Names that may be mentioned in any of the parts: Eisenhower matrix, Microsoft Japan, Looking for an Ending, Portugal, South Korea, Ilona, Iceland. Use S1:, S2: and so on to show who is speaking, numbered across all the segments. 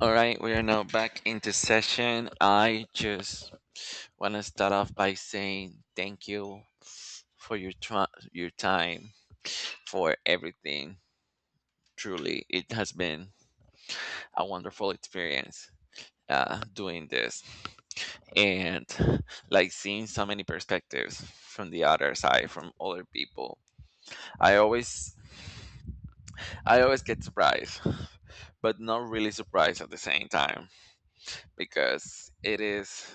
S1: All right, we are now back into session. I just want to start off by saying thank you for your time, for everything. Truly, it has been a wonderful experience doing this, and like seeing so many perspectives from the other side, from other people. I always I always get surprised, but not really surprised at the same time because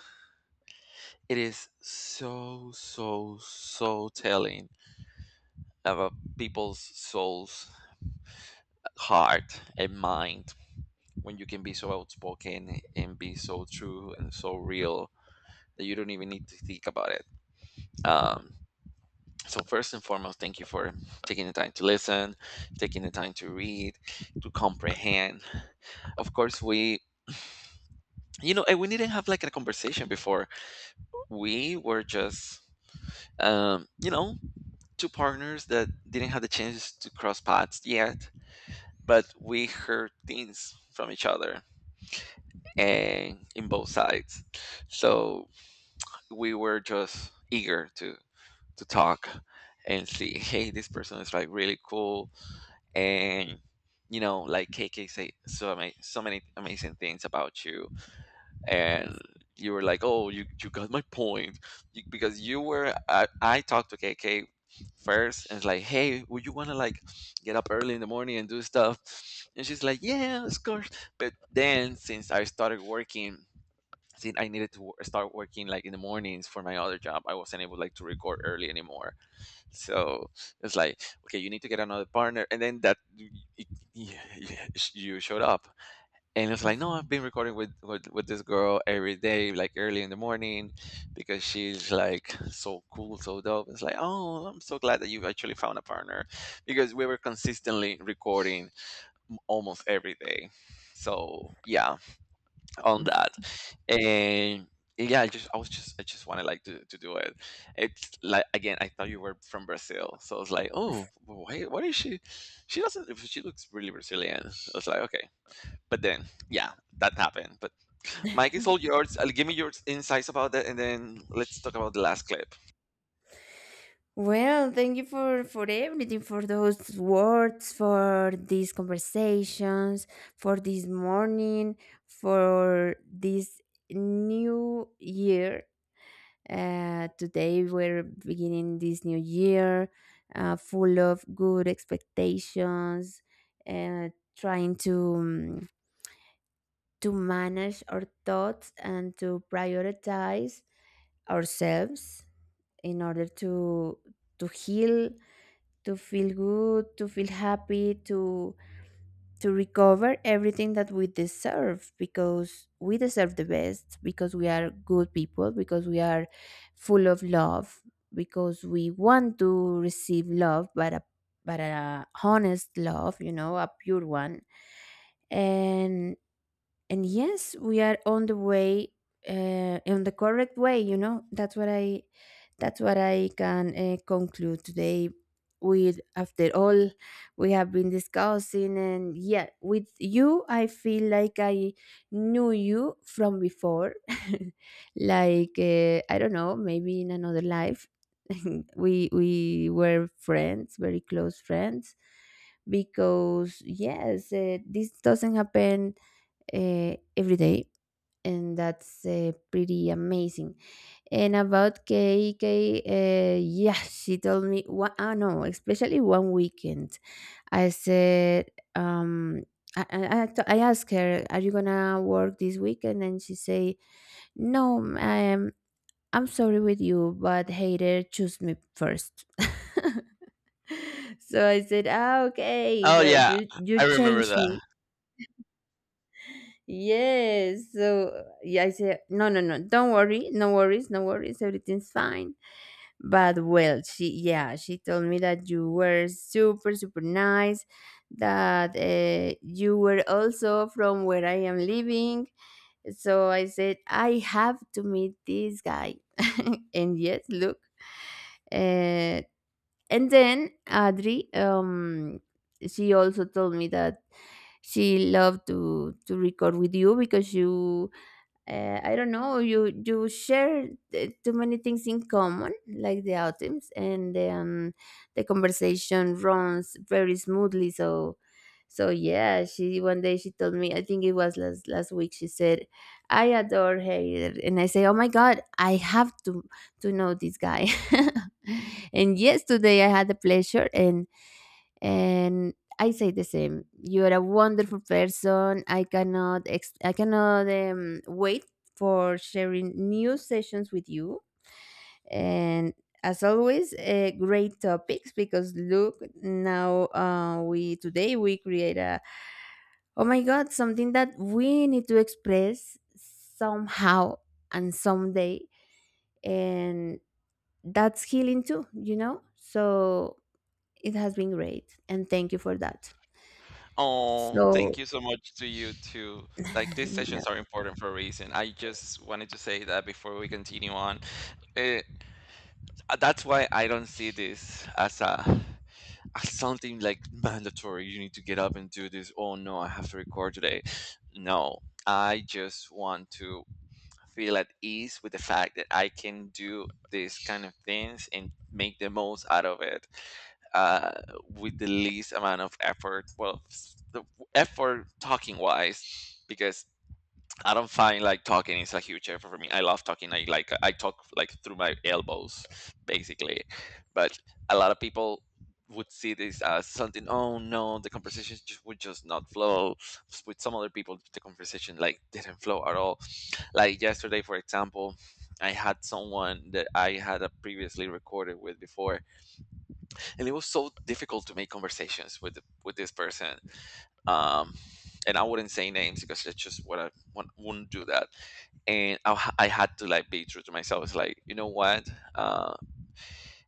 S1: it is so so so telling about people's souls heart and mind when you can be so outspoken and be so true and so real that you don't even need to think about it. Um, so first and foremost thank you for taking the time to listen, taking the time to read, to comprehend. Of course we you know and we didn't have like a conversation before. We were just, you know, two partners that didn't have the chance to cross paths yet, but we heard things from each other and in both sides. So we were just eager to talk and see, hey, this person is like really cool. And you know, like KK say so many so many amazing things about you, and you were like, "Oh, you got my point." Because you were. I talked to KK first, and it's like, "Hey, would you wanna like get up early in the morning and do stuff?" And she's like, "Yeah, of course." But then, since I started working, since I needed to start working like in the mornings for my other job, I wasn't able like to record early anymore. So it's like, okay, you need to get another partner, and then that y- y- y- you showed up, and it was like, no,
S2: Mhm.
S1: I've been recording with, with this girl every day, like early in the morning, because she's like so cool, so dope. It's like, oh, I'm so glad that you actually found a partner, because we were consistently recording almost every day. So yeah, on that, and yeah, I just I was just I just wanted like to do it. It's like again, I thought you were from Brazil, so I was like, oh, wait, what is she? She doesn't. She looks really Brazilian. I was like, okay, but then, yeah, that happened. But Mike, it's all yours. I'll give me your insights about that, and then let's talk about the last clip.
S2: Well, thank you for everything, for those words, for these conversations, for this morning, for this new year. Today we're beginning this new year, full of good expectations, uh, trying um, to manage our thoughts and to prioritize ourselves in order to heal, to feel good, to feel happy, to recover everything that we deserve, because we deserve the best, because we are good people, because we are full of love, because we want to receive love, but a honest love, a pure one. And and yes, we are on the way, on the correct way, you know. That's what I, that's what I can conclude today, with, after all we have been discussing. And yeah, with you I feel like I knew you from before. Like I don't know, maybe in another life. We were friends, very close friends, because yes, this doesn't happen every day, and that's pretty amazing. And about KK, yeah, she told me one, ah, no, especially one weekend. I said, um, I asked her, "Are you gonna work this weekend?" And she say, "No, I'm sorry with you, but hater, choose me first." So I said, "Ah, okay,
S1: Oh
S2: you,
S1: yeah,
S2: you, you
S1: I remember
S2: changed me."
S1: that.
S2: Yes. So yeah, I said, "No, no, no, don't worry, no worries, no worries, everything's fine." But well, she told me that you were super, super nice, that you were also from where I am living. So I said, "I have to meet this guy." And yes, look, uh, and then Adri, she also told me that she loved to record with you because you, I don't know, you share too many things in common, like the items, and then the conversation runs very smoothly. So, yeah, she one day she told me, I think it was last week. She said, "I adore Harry," and I say, "Oh my God, I have to know this guy." And yes, today I had the pleasure. And I say the same. You are a wonderful person. I cannot I cannot wait for sharing new sessions with you. And as always, great topics, because look, now, we, today we create a, oh my God, something that we need to express somehow and someday, and that's healing too, you know. So it has been great, and thank you for that.
S1: Oh,
S2: So
S1: thank you so much to you too. Like these sessions are important for a reason. I just wanted to say that before we continue on. Eh, that's why I don't see this as a as something like mandatory. You need to get up and do this. Oh no, I have to record today. No, I just want to feel at ease with the fact that I can do these kind of things and make the most out of it, uh, with the least amount of effort. Well, the effort talking wise, because I don't find like talking is a huge effort for me. I love talking. I like I talk like through my elbows, basically. But a lot of people would see this as something. Oh no, the conversation just, would just not flow. With some other people, the conversation like didn't flow at all, like yesterday, for example, I had someone that I had a previously recorded with before, and it was so difficult to make conversations with this person. Um, and I wouldn't say names because that's just what I wouldn't do that. And I had to like be true to myself. It's like, you know what? Uh,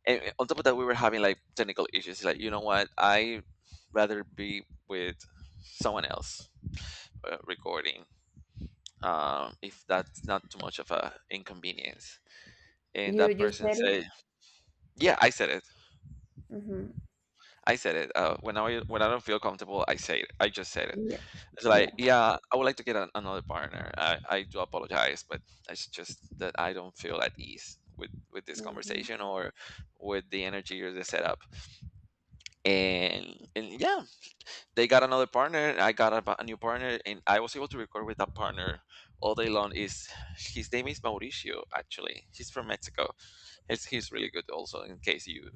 S1: and on top of that, we were having like technical issues. Like, you know what? I rather be with someone else recording, if that's not too much of a inconvenience, and
S2: You
S1: that
S2: you
S1: person
S2: said it?
S1: say, "Yeah, I said it.
S2: Hmm.
S1: I said it. When I don't feel comfortable, I say it. I just said it.
S2: Yeah,
S1: It's like,
S2: yeah.
S1: yeah, I would like to get another partner. I do apologize, but it's just that I don't feel at ease with this
S2: Hmm.
S1: conversation or with the energy or the setup. And yeah, they got another partner. I got a new partner, and I was able to record with that partner all day long. Is his name is Mauricio? Actually, he's from Mexico. He's really good. Also, in case you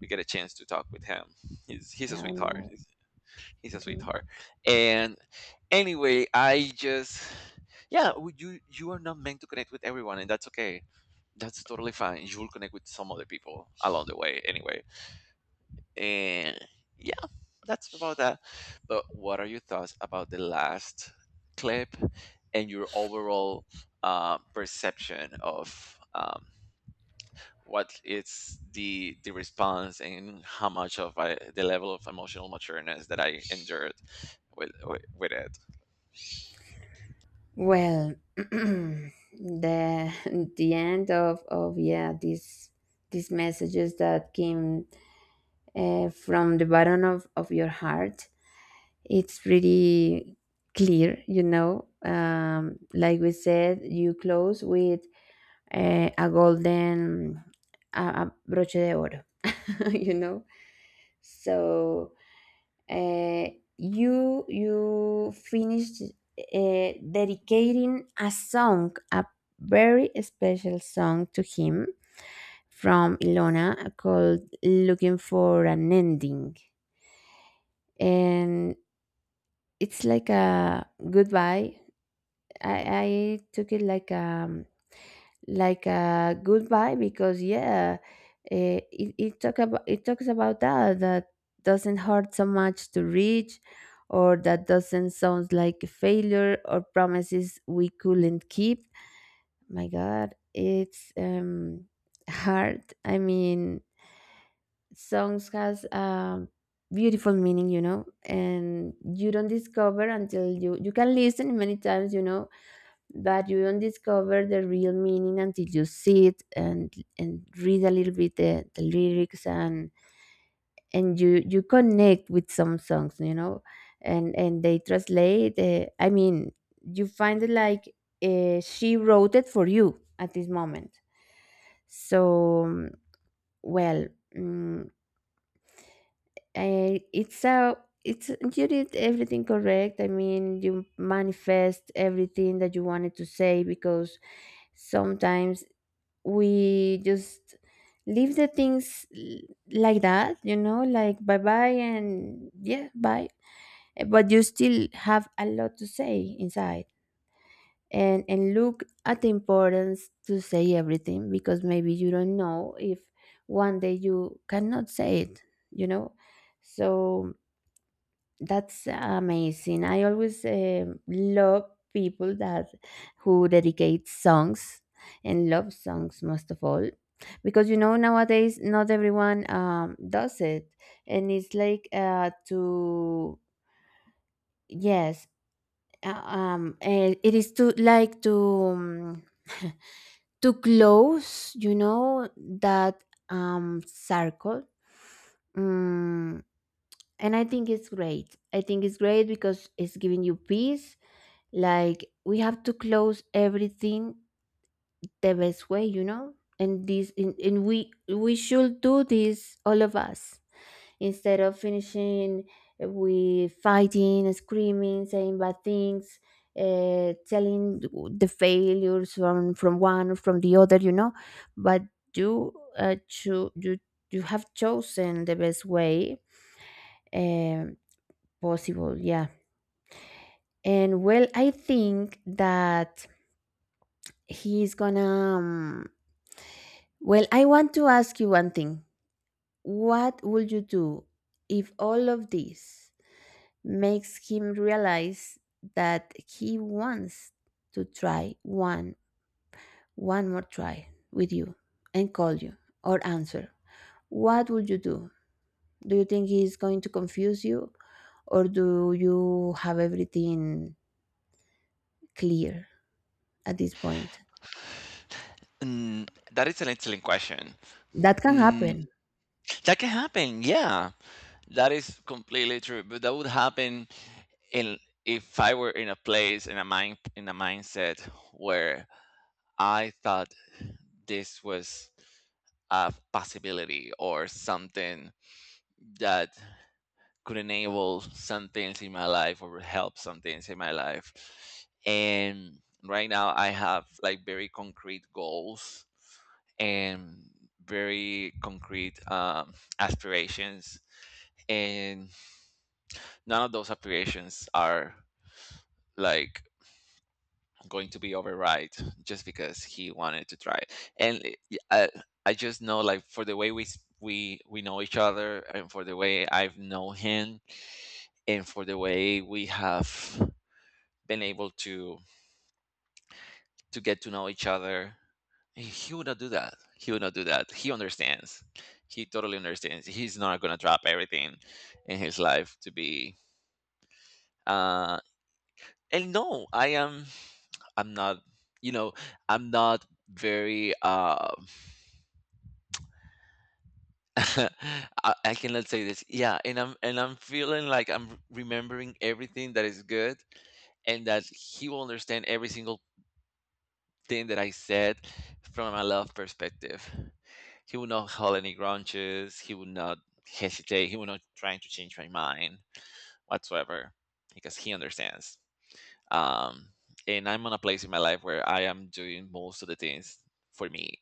S1: we get a chance to talk with him. He's a
S2: Oh
S1: sweetheart.
S2: no.
S1: He's a
S2: Mhm.
S1: sweetheart. And anyway, I just yeah, you are not meant to connect with everyone, and that's okay. That's totally fine. You will connect with some other people along the way, anyway. And yeah, that's about that. But what are your thoughts about the last clip and your overall perception of? What is the response and how much of I, the level of emotional matureness that I endured with with it.
S2: Well, the end of yeah, these messages that came from the bottom of your heart. It's pretty clear, you know. Like we said, you close with a golden, a broche de oro, you know. So uh, you finished dedicating a song, a very special song to him, from Ilona, called "Looking for an Ending," and it's like a goodbye. I took it like a, like a goodbye, because yeah, it talks about that that doesn't hurt so much to reach, or that doesn't sound like a failure, or promises we couldn't keep. My God, it's hard, I mean, songs has beautiful meaning, you know, and you don't discover until you can listen many times, you know. But you don't discover the real meaning until you see it and read a little bit the lyrics, and you connect with some songs, you know. And they translate, I mean, you find it like she wrote it for you at this moment. So well, mm, it's a, it's you did everything correct. I mean, you manifest everything that you wanted to say, because sometimes we just leave the things like that, you know, like bye bye, and yeah, bye. But you still have a lot to say inside. And look at the importance to say everything, because maybe you don't know if one day you cannot say it, you know. So that's amazing. I always love people that who dedicate songs, and love songs most of all, because you know, nowadays not everyone does it, and it's like to, yes, it is to like to to close, you know, that circle. Mm, and I think it's great. I think it's great because it's giving you peace. Like, we have to close everything the best way, you know. And this, and we should do this, all of us, instead of finishing with fighting, screaming, saying bad things, telling the failures from one or from the other, you know. But you, uh, cho- you you have chosen the best way, um, possible, yeah. And well, I think that he's gonna. Um, well, I want to ask you one thing. What would you do if all of this makes him realize that he wants to try one more try with you, and call you or answer? What would you do? Do you think he's going to confuse you, or do you have everything clear at this point?
S1: Mm, that is an excellent question.
S2: That can
S1: Mm,
S2: happen.
S1: that can happen, yeah. That is completely true. But that would happen in if I were in a place in a mind in a mindset where I thought this was a possibility or something that could enable some things in my life or help some things in my life. And right now I have like very concrete goals and very concrete aspirations. And none of those aspirations are like going to be override just because he wanted to try it. And it- I just know, like, for the way we we know each other, and for the way I've known him, and for the way we have been able to get to know each other, he would not do that. He would not do that. He understands. He totally understands. He's not gonna drop everything in his life to be. Uh, and no, I am. I'm not. You know, I'm not very. I cannot say this. Yeah, and I'm feeling like I'm remembering everything that is good, and that he will understand every single thing that I said from a love perspective. He will not hold any grudges. He will not hesitate. He will not trying to change my mind whatsoever, because he understands. Um, and I'm on a place in my life where I am doing most of the things for me,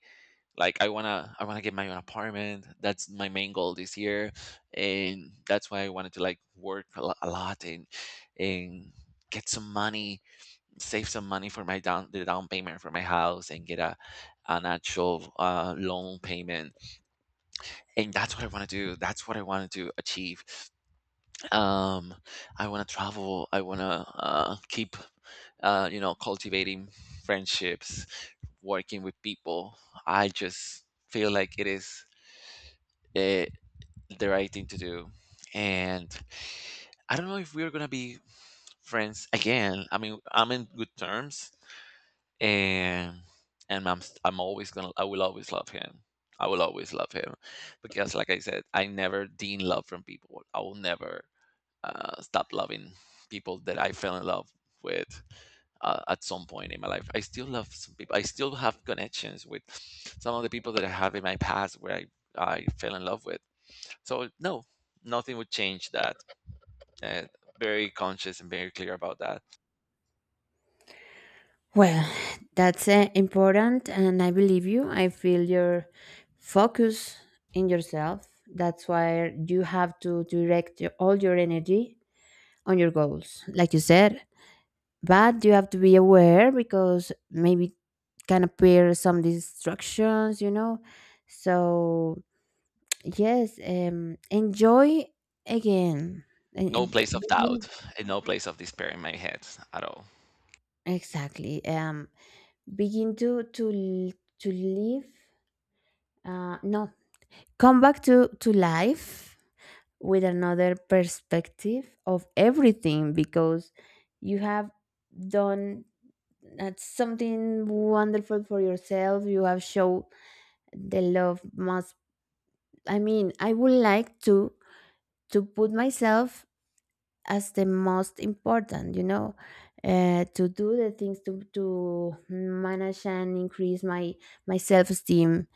S1: like I want to get my own apartment. That's my main goal this year, and that's why I wanted to like work a lot, and get some money, save some money for my down payment for my house and get a an actual loan payment, and that's what I want to do. That's what I wanted to achieve. Um i want to travel. I want to keep, you know, cultivating friendships, working with people. I just feel like it is, eh, the right thing to do. And I don't know if we're gonna be friends again. I mean, I'm in good terms, and I'm always gonna I will always love him. I will always love him because, like I said, I never deem love from people. I will never stopped loving people that I fell in love with at some point in my life. I still love some people. I still have connections with some of the people that I have in my past where I fell in love with. So no, nothing would change that. Uh, very conscious and very clear about that.
S2: Well, that's important, and I believe you. I feel your focus in yourself. That's why you have to direct all your energy on your goals, like you said. But you have to be aware, because maybe can appear some distractions, you know. So yes, enjoy again, and,
S1: No
S2: and be-
S1: place of
S2: begin,
S1: doubt and no place of despair in my head at all.
S2: exactly, begin to live. No, come back to life with another perspective of everything, because you have done something wonderful for yourself. You have shown the love must, I mean, I would like to put myself as the most important, you know, to do the things, to manage and increase my self-esteem,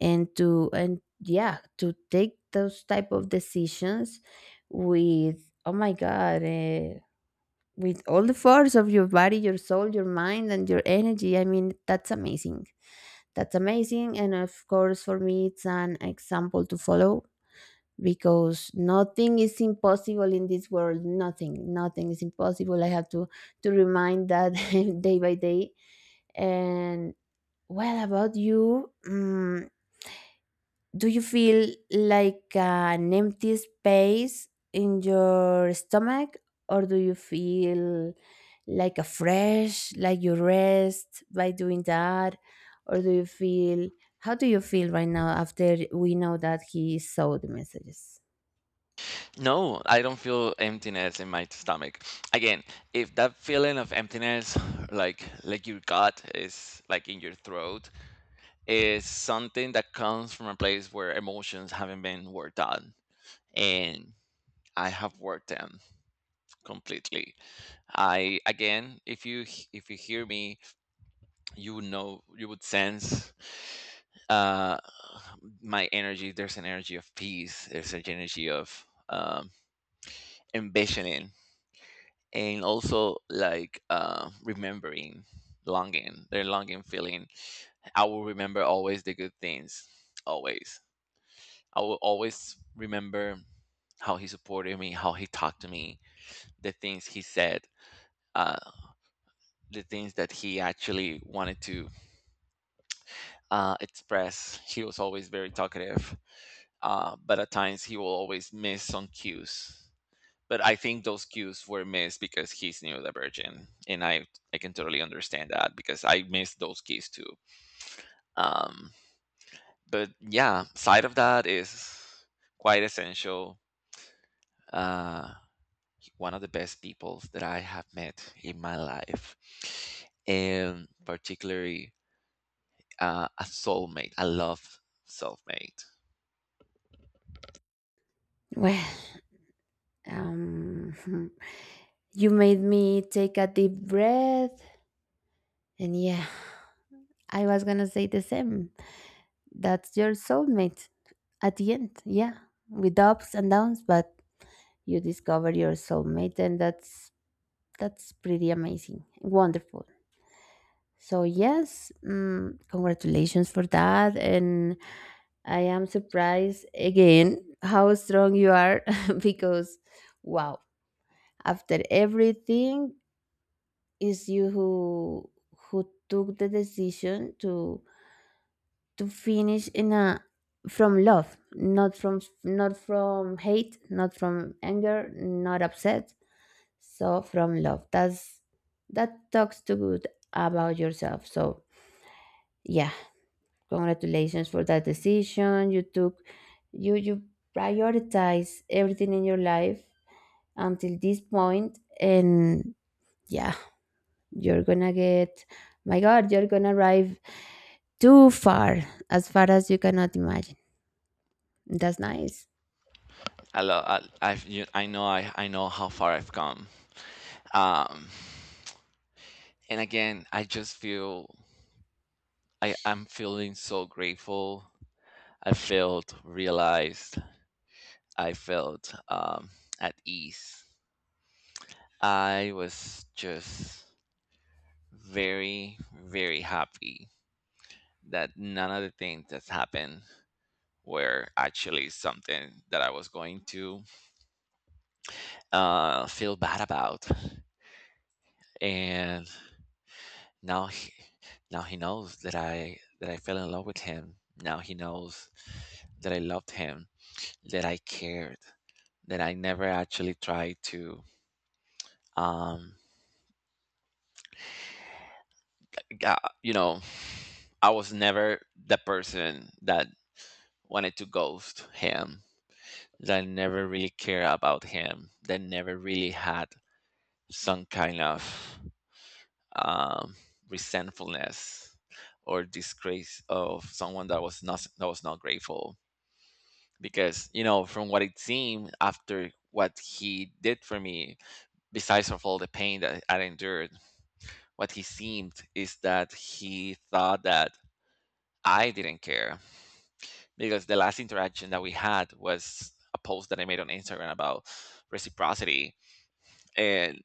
S2: and to, and yeah, to take those type of decisions with, oh my God, with all the force of your body, your soul, your mind, and your energy. I mean, that's amazing. That's amazing, and of course, for me it's an example to follow, because nothing is impossible in this world. Nothing, nothing is impossible. I have to remind that day by day. And well, about you, do you feel like an empty space in your stomach, or do you feel like a fresh, like you rest by doing that, or do you feel, how do you feel right now, after we know that he saw the messages?
S1: No, I don't feel emptiness in my stomach. Again, if that feeling of emptiness, like your gut is like in your throat, is something that comes from a place where emotions haven't been worked on, and I have worked them completely. I again, if you hear me, you would know, you would sense, uh my energy. There's an energy of peace, there's an energy of, ambitioning, and also like, remembering, longing feeling. I will remember always the good things, always. I will always remember how he supported me, how he talked to me, the things he said, uh, the things that he actually wanted to express. He was always very talkative, but at times he will always miss some cues. But I think those cues were missed because he's neurodivergent, and I can totally understand that because I missed those cues too. Um, but yeah, side of that is quite essential. Uh, one of the best people that I have met in my life, and particularly, a soulmate. I love soulmate.
S2: Well, Um, you made me take a deep breath. And yeah, I was gonna say the same. That's your soulmate, at the end. Yeah, with ups and downs, but you discover your soulmate, and that's, pretty amazing, wonderful. So yes, congratulations for that, and I am surprised again how strong you are. Because wow, after everything, is you who, took the decision to finish in a from love, not from hate, not from anger, not upset. So from love. That's, that talks too good about yourself. So yeah, congratulations for that decision you took. You prioritize everything in your life until this point, and yeah, you're gonna get, my God, you're gonna arrive too far as you cannot imagine. That's nice.
S1: I love. I know. I. I know how far I've come. Um, and again, I just feel. I. I'm feeling so grateful. I felt realized. I felt at ease. I was just very, very happy that none of the things that's happened were actually something that I was going to feel bad about. And now he, now he knows that I fell in love with him. Now he knows that I loved him, that I cared, that I never actually tried to um ga- you know, I was never the person that wanted to ghost him, that never really cared about him, that never really had some kind of um, resentfulness or disgrace of someone that was not grateful because, you know, from what it seemed after what he did for me, besides of all the pain that I endured, what he seemed is that he thought that I didn't care, because the last interaction that we had was a post that I made on Instagram about reciprocity. And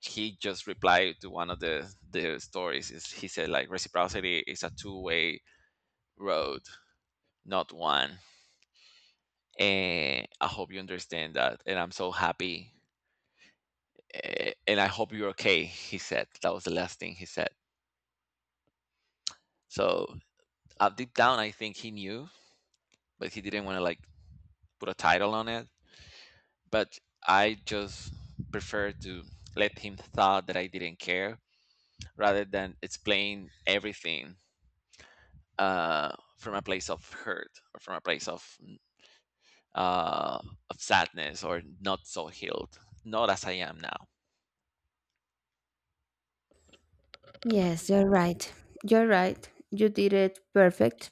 S1: he just replied to one of the stories. Is he said, like, reciprocity is a two-way road, not one, and I hope you understand that, and I'm so happy, and I hope you're okay. He said, that was the last thing he said. So deep down I think he knew, but he didn't want to, like, put a title on it. But I just prefer to let him thought that I didn't care, rather than explain everything from a place of hurt or from a place uh, of sadness or not so healed, not as I am now.
S2: Yes, you're right. You're right. You did it perfect.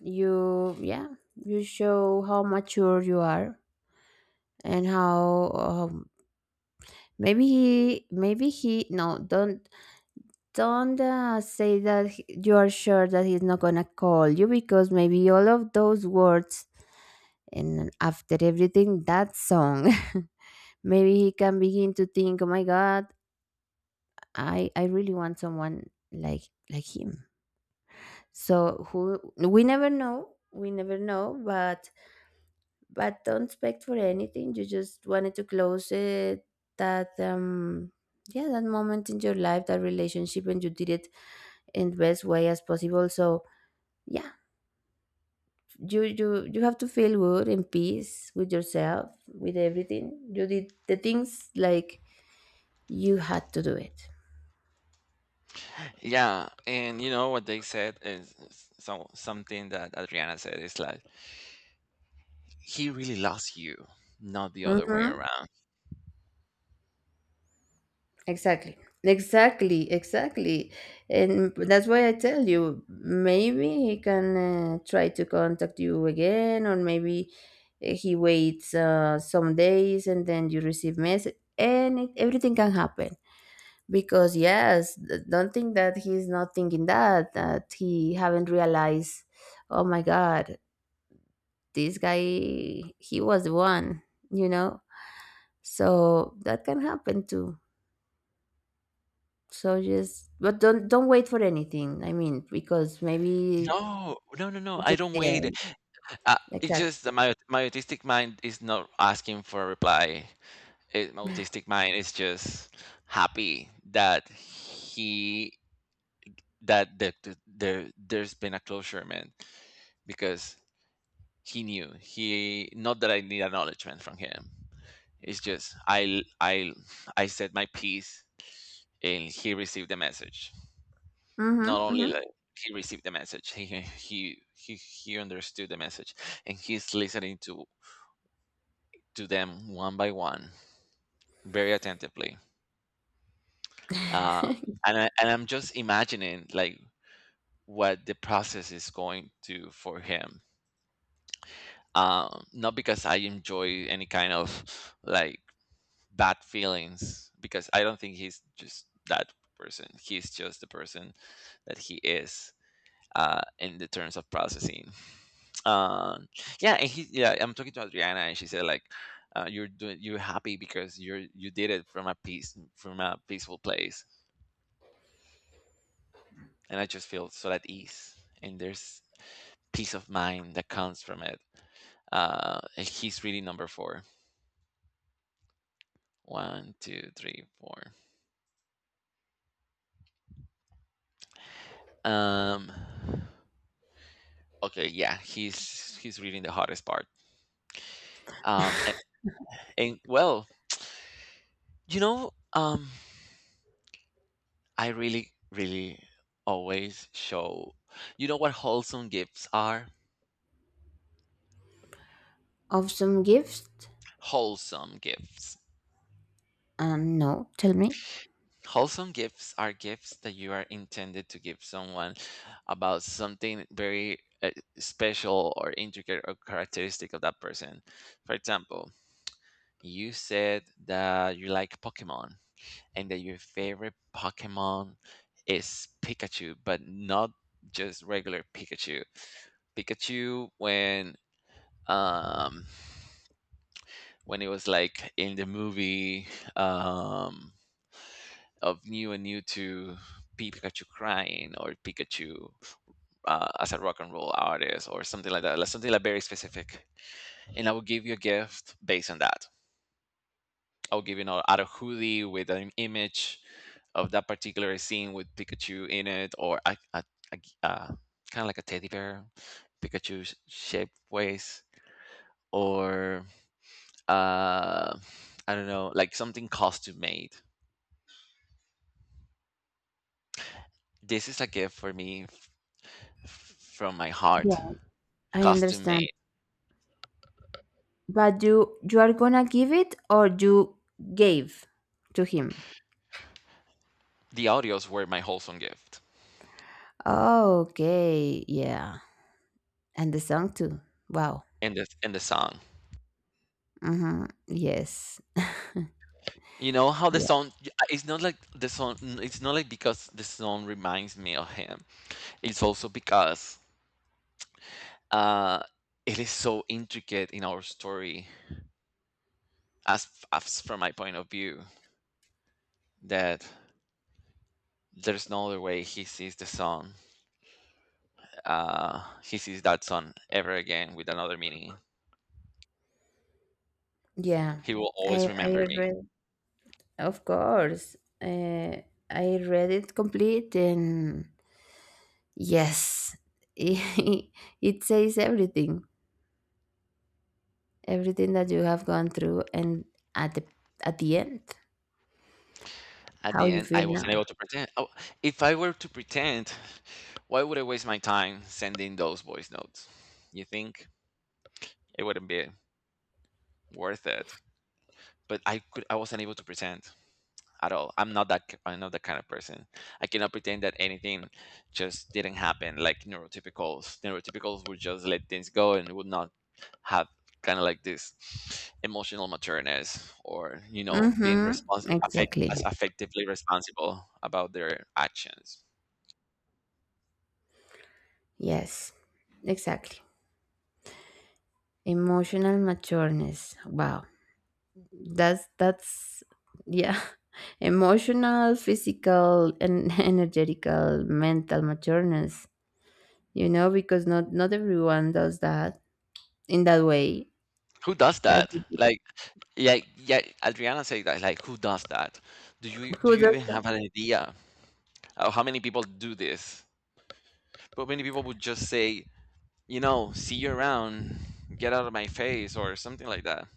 S2: You, yeah, you show how mature you are, and how no, don't, don't say that, you are sure that he's not gonna call you, because maybe all of those words, and after everything, that song, maybe he can begin to think, oh my God, I really want someone like him. So who, we never know, but don't expect for anything. You just wanted to close it, that, yeah, that moment in your life, that relationship, and you did it in the best way as possible. So yeah, you have to feel good, in peace with yourself, with everything. You did the things like you had to do it.
S1: Yeah, and you know what they said is so something that Adriana said is like he really loves you, not the other way
S2: Mhm.
S1: around.
S2: Exactly. Exactly, exactly. And that's why I tell you, maybe he can try to contact you again, or maybe he waits some days, and then you receive message, and everything can happen. Because yes, don't think that he's not thinking that, that he haven't realized, oh my God, this guy, he was the one, you know? So that can happen too. So just, but don't wait for anything. I mean, because maybe
S1: No, no, no, no.
S2: it's
S1: I
S2: just
S1: don't
S2: the
S1: wait.
S2: end.
S1: Uh, it's
S2: Exactly.
S1: just that my autistic mind is not asking for a reply. It, my autistic mind is just happy that he that that th- there there's been a closure, man, because he knew, he, not that I need acknowledgement from him. It's just I said my piece, and he received the message. Not
S2: Mm-hmm.
S1: only,
S2: Mm-hmm.
S1: like, he received the message, he understood the message, and he's listening to them one by one, very attentively. Uh, and I'm just imagining, like, what the process is going to for him, not because I enjoy any kind of, like, bad feelings, because I don't think he's just that person. He's just the person that he is in the terms of processing. um yeah. And he yeah I'm talking to Adriana and she said, like, you're doing, you're happy because you did it from a peace, from a peaceful place. And I just feel so at ease, and there's peace of mind that comes from it. And he's really number 4. One, two, three, four. Um, okay, yeah, he's reading the hardest part. Um, and, and, well, you know, I really, really always show. You know what wholesome gifts are?
S2: Of some gifts?
S1: Wholesome gifts.
S2: No. Tell me.
S1: Wholesome gifts are gifts that you are intended to give someone about something very special or intricate or characteristic of that person. For example, you said that you like Pokemon, and that your favorite Pokemon is Pikachu, but not just regular Pikachu. Pikachu um when it was, like, in the movie um of New and New to. Pikachu crying, or Pikachu as a rock and roll artist or something like that, like something like very specific. And I will give you a gift based on that. I'll give, you know, out of hoodie with an image of that particular scene with Pikachu in it, or a, uh, kind of like a teddy bear, Pikachu shaped waist, or uh, I don't know, like something costume made. This is a gift for me from my heart,
S2: Yeah, I
S1: costume
S2: understand.
S1: made.
S2: But you are gonna give it, or you gave to him?
S1: The audios were my wholesome gift,
S2: Okay. Yeah. And the song too. Wow.
S1: and the song.
S2: Mm-hmm. Yes.
S1: You know how the
S2: Yeah.
S1: song? It's not like the song. It's not like because the song reminds me of him. It's also because uh, it is so intricate in our story, as from my point of view, that there's no other way he sees the sun. He sees that sun ever again with another meaning.
S2: Yeah.
S1: He will
S2: I
S1: always
S2: I
S1: remember me.
S2: read. Of course. Uh, I read it complete and. Yes, it says everything, everything that you have gone through, and at the, at the end,
S1: At
S2: how
S1: the
S2: you
S1: end,
S2: feel
S1: I
S2: now.
S1: wasn't able to pretend. Oh, if I were to pretend, why would I waste my time sending those voice notes? You think it wouldn't be worth it? But I could. I wasn't able to pretend. At all. I'm not that I'm not that kind of person. I cannot pretend that anything just didn't happen. Like neurotypicals, neurotypicals would just let things go and would not have kind of like this emotional matureness, or, you know, being
S2: Mm-hmm.
S1: responsible,
S2: Exactly.
S1: as effectively responsible about their actions.
S2: Yes, exactly. Emotional matureness. Wow, that's, yeah. Emotional, physical, and energetical, mental matureness. You know, because not everyone does that in that way.
S1: Who does
S2: That,
S1: that? Like, yeah, yeah, Adriana said that. Like, who does that? Do you do
S2: who
S1: you
S2: does
S1: even have an idea? How many people do this? But many people would just say, you know, see you around, get out of my face, or something like that.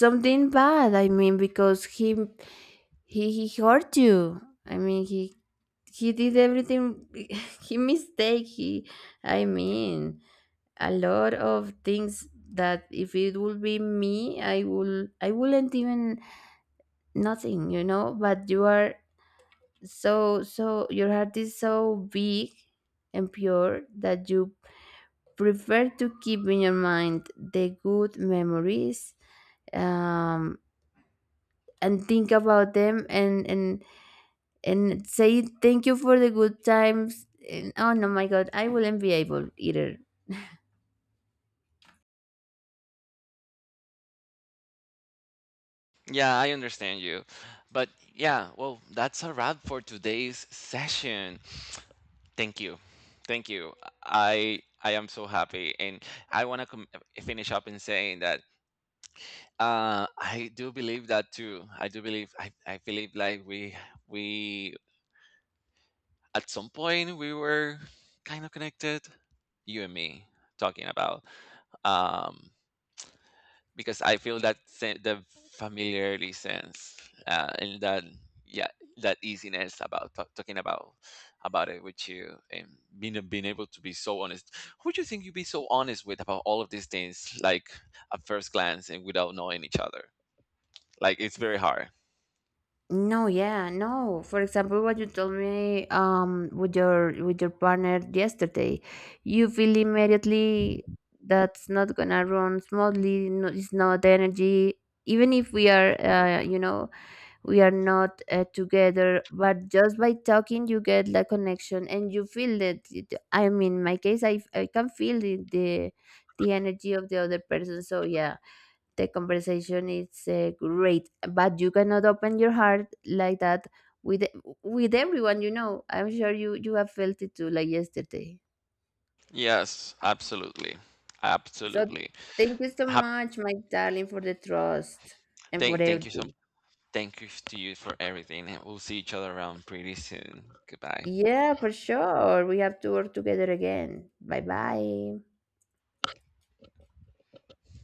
S2: something bad, I mean, because he hurt you. I mean, he did everything. he mistake he I mean, a lot of things that if it would be me, I wouldn't even, nothing, you know. But you are so, so your heart is so big and pure, that you prefer to keep in your mind the good memories, um and think about them, and say thank you for the good times, and oh no, my God, I wouldn't be able either.
S1: Yeah, I understand you. But yeah, well, that's a wrap for today's session. Thank you. Thank you. I am so happy, and I want to finish up in saying that I do believe that too. I do believe, I believe, like, we at some point we were kind of connected, you and me, talking about, um because I feel that the familiarity sense, and that, yeah, that easiness about talking about it with you, and being able to be so honest. Who do you think you'd be so honest with about all of these things, like, at first glance and without knowing each other? Like, it's very hard.
S2: No, yeah, no, for example, what you told me, with your, with your partner yesterday, you feel immediately, that's not gonna run smoothly. No, it's not the energy. Even if we are, you know, we are not together, but just by talking you get that connection and you feel it. I mean, in my case, I can feel the energy of the other person. So yeah, the conversation is great, but you cannot open your heart like that with with everyone, you know. I'm sure you have felt it too, like yesterday.
S1: Yes, absolutely,
S2: So
S1: absolutely.
S2: thank you so
S1: Hap
S2: much, my darling, for the trust, and for
S1: thank you so,
S2: everything.
S1: thank you to you for everything. We'll see each other around pretty soon. Goodbye.
S2: Yeah, for sure. We have to work together again. Bye bye.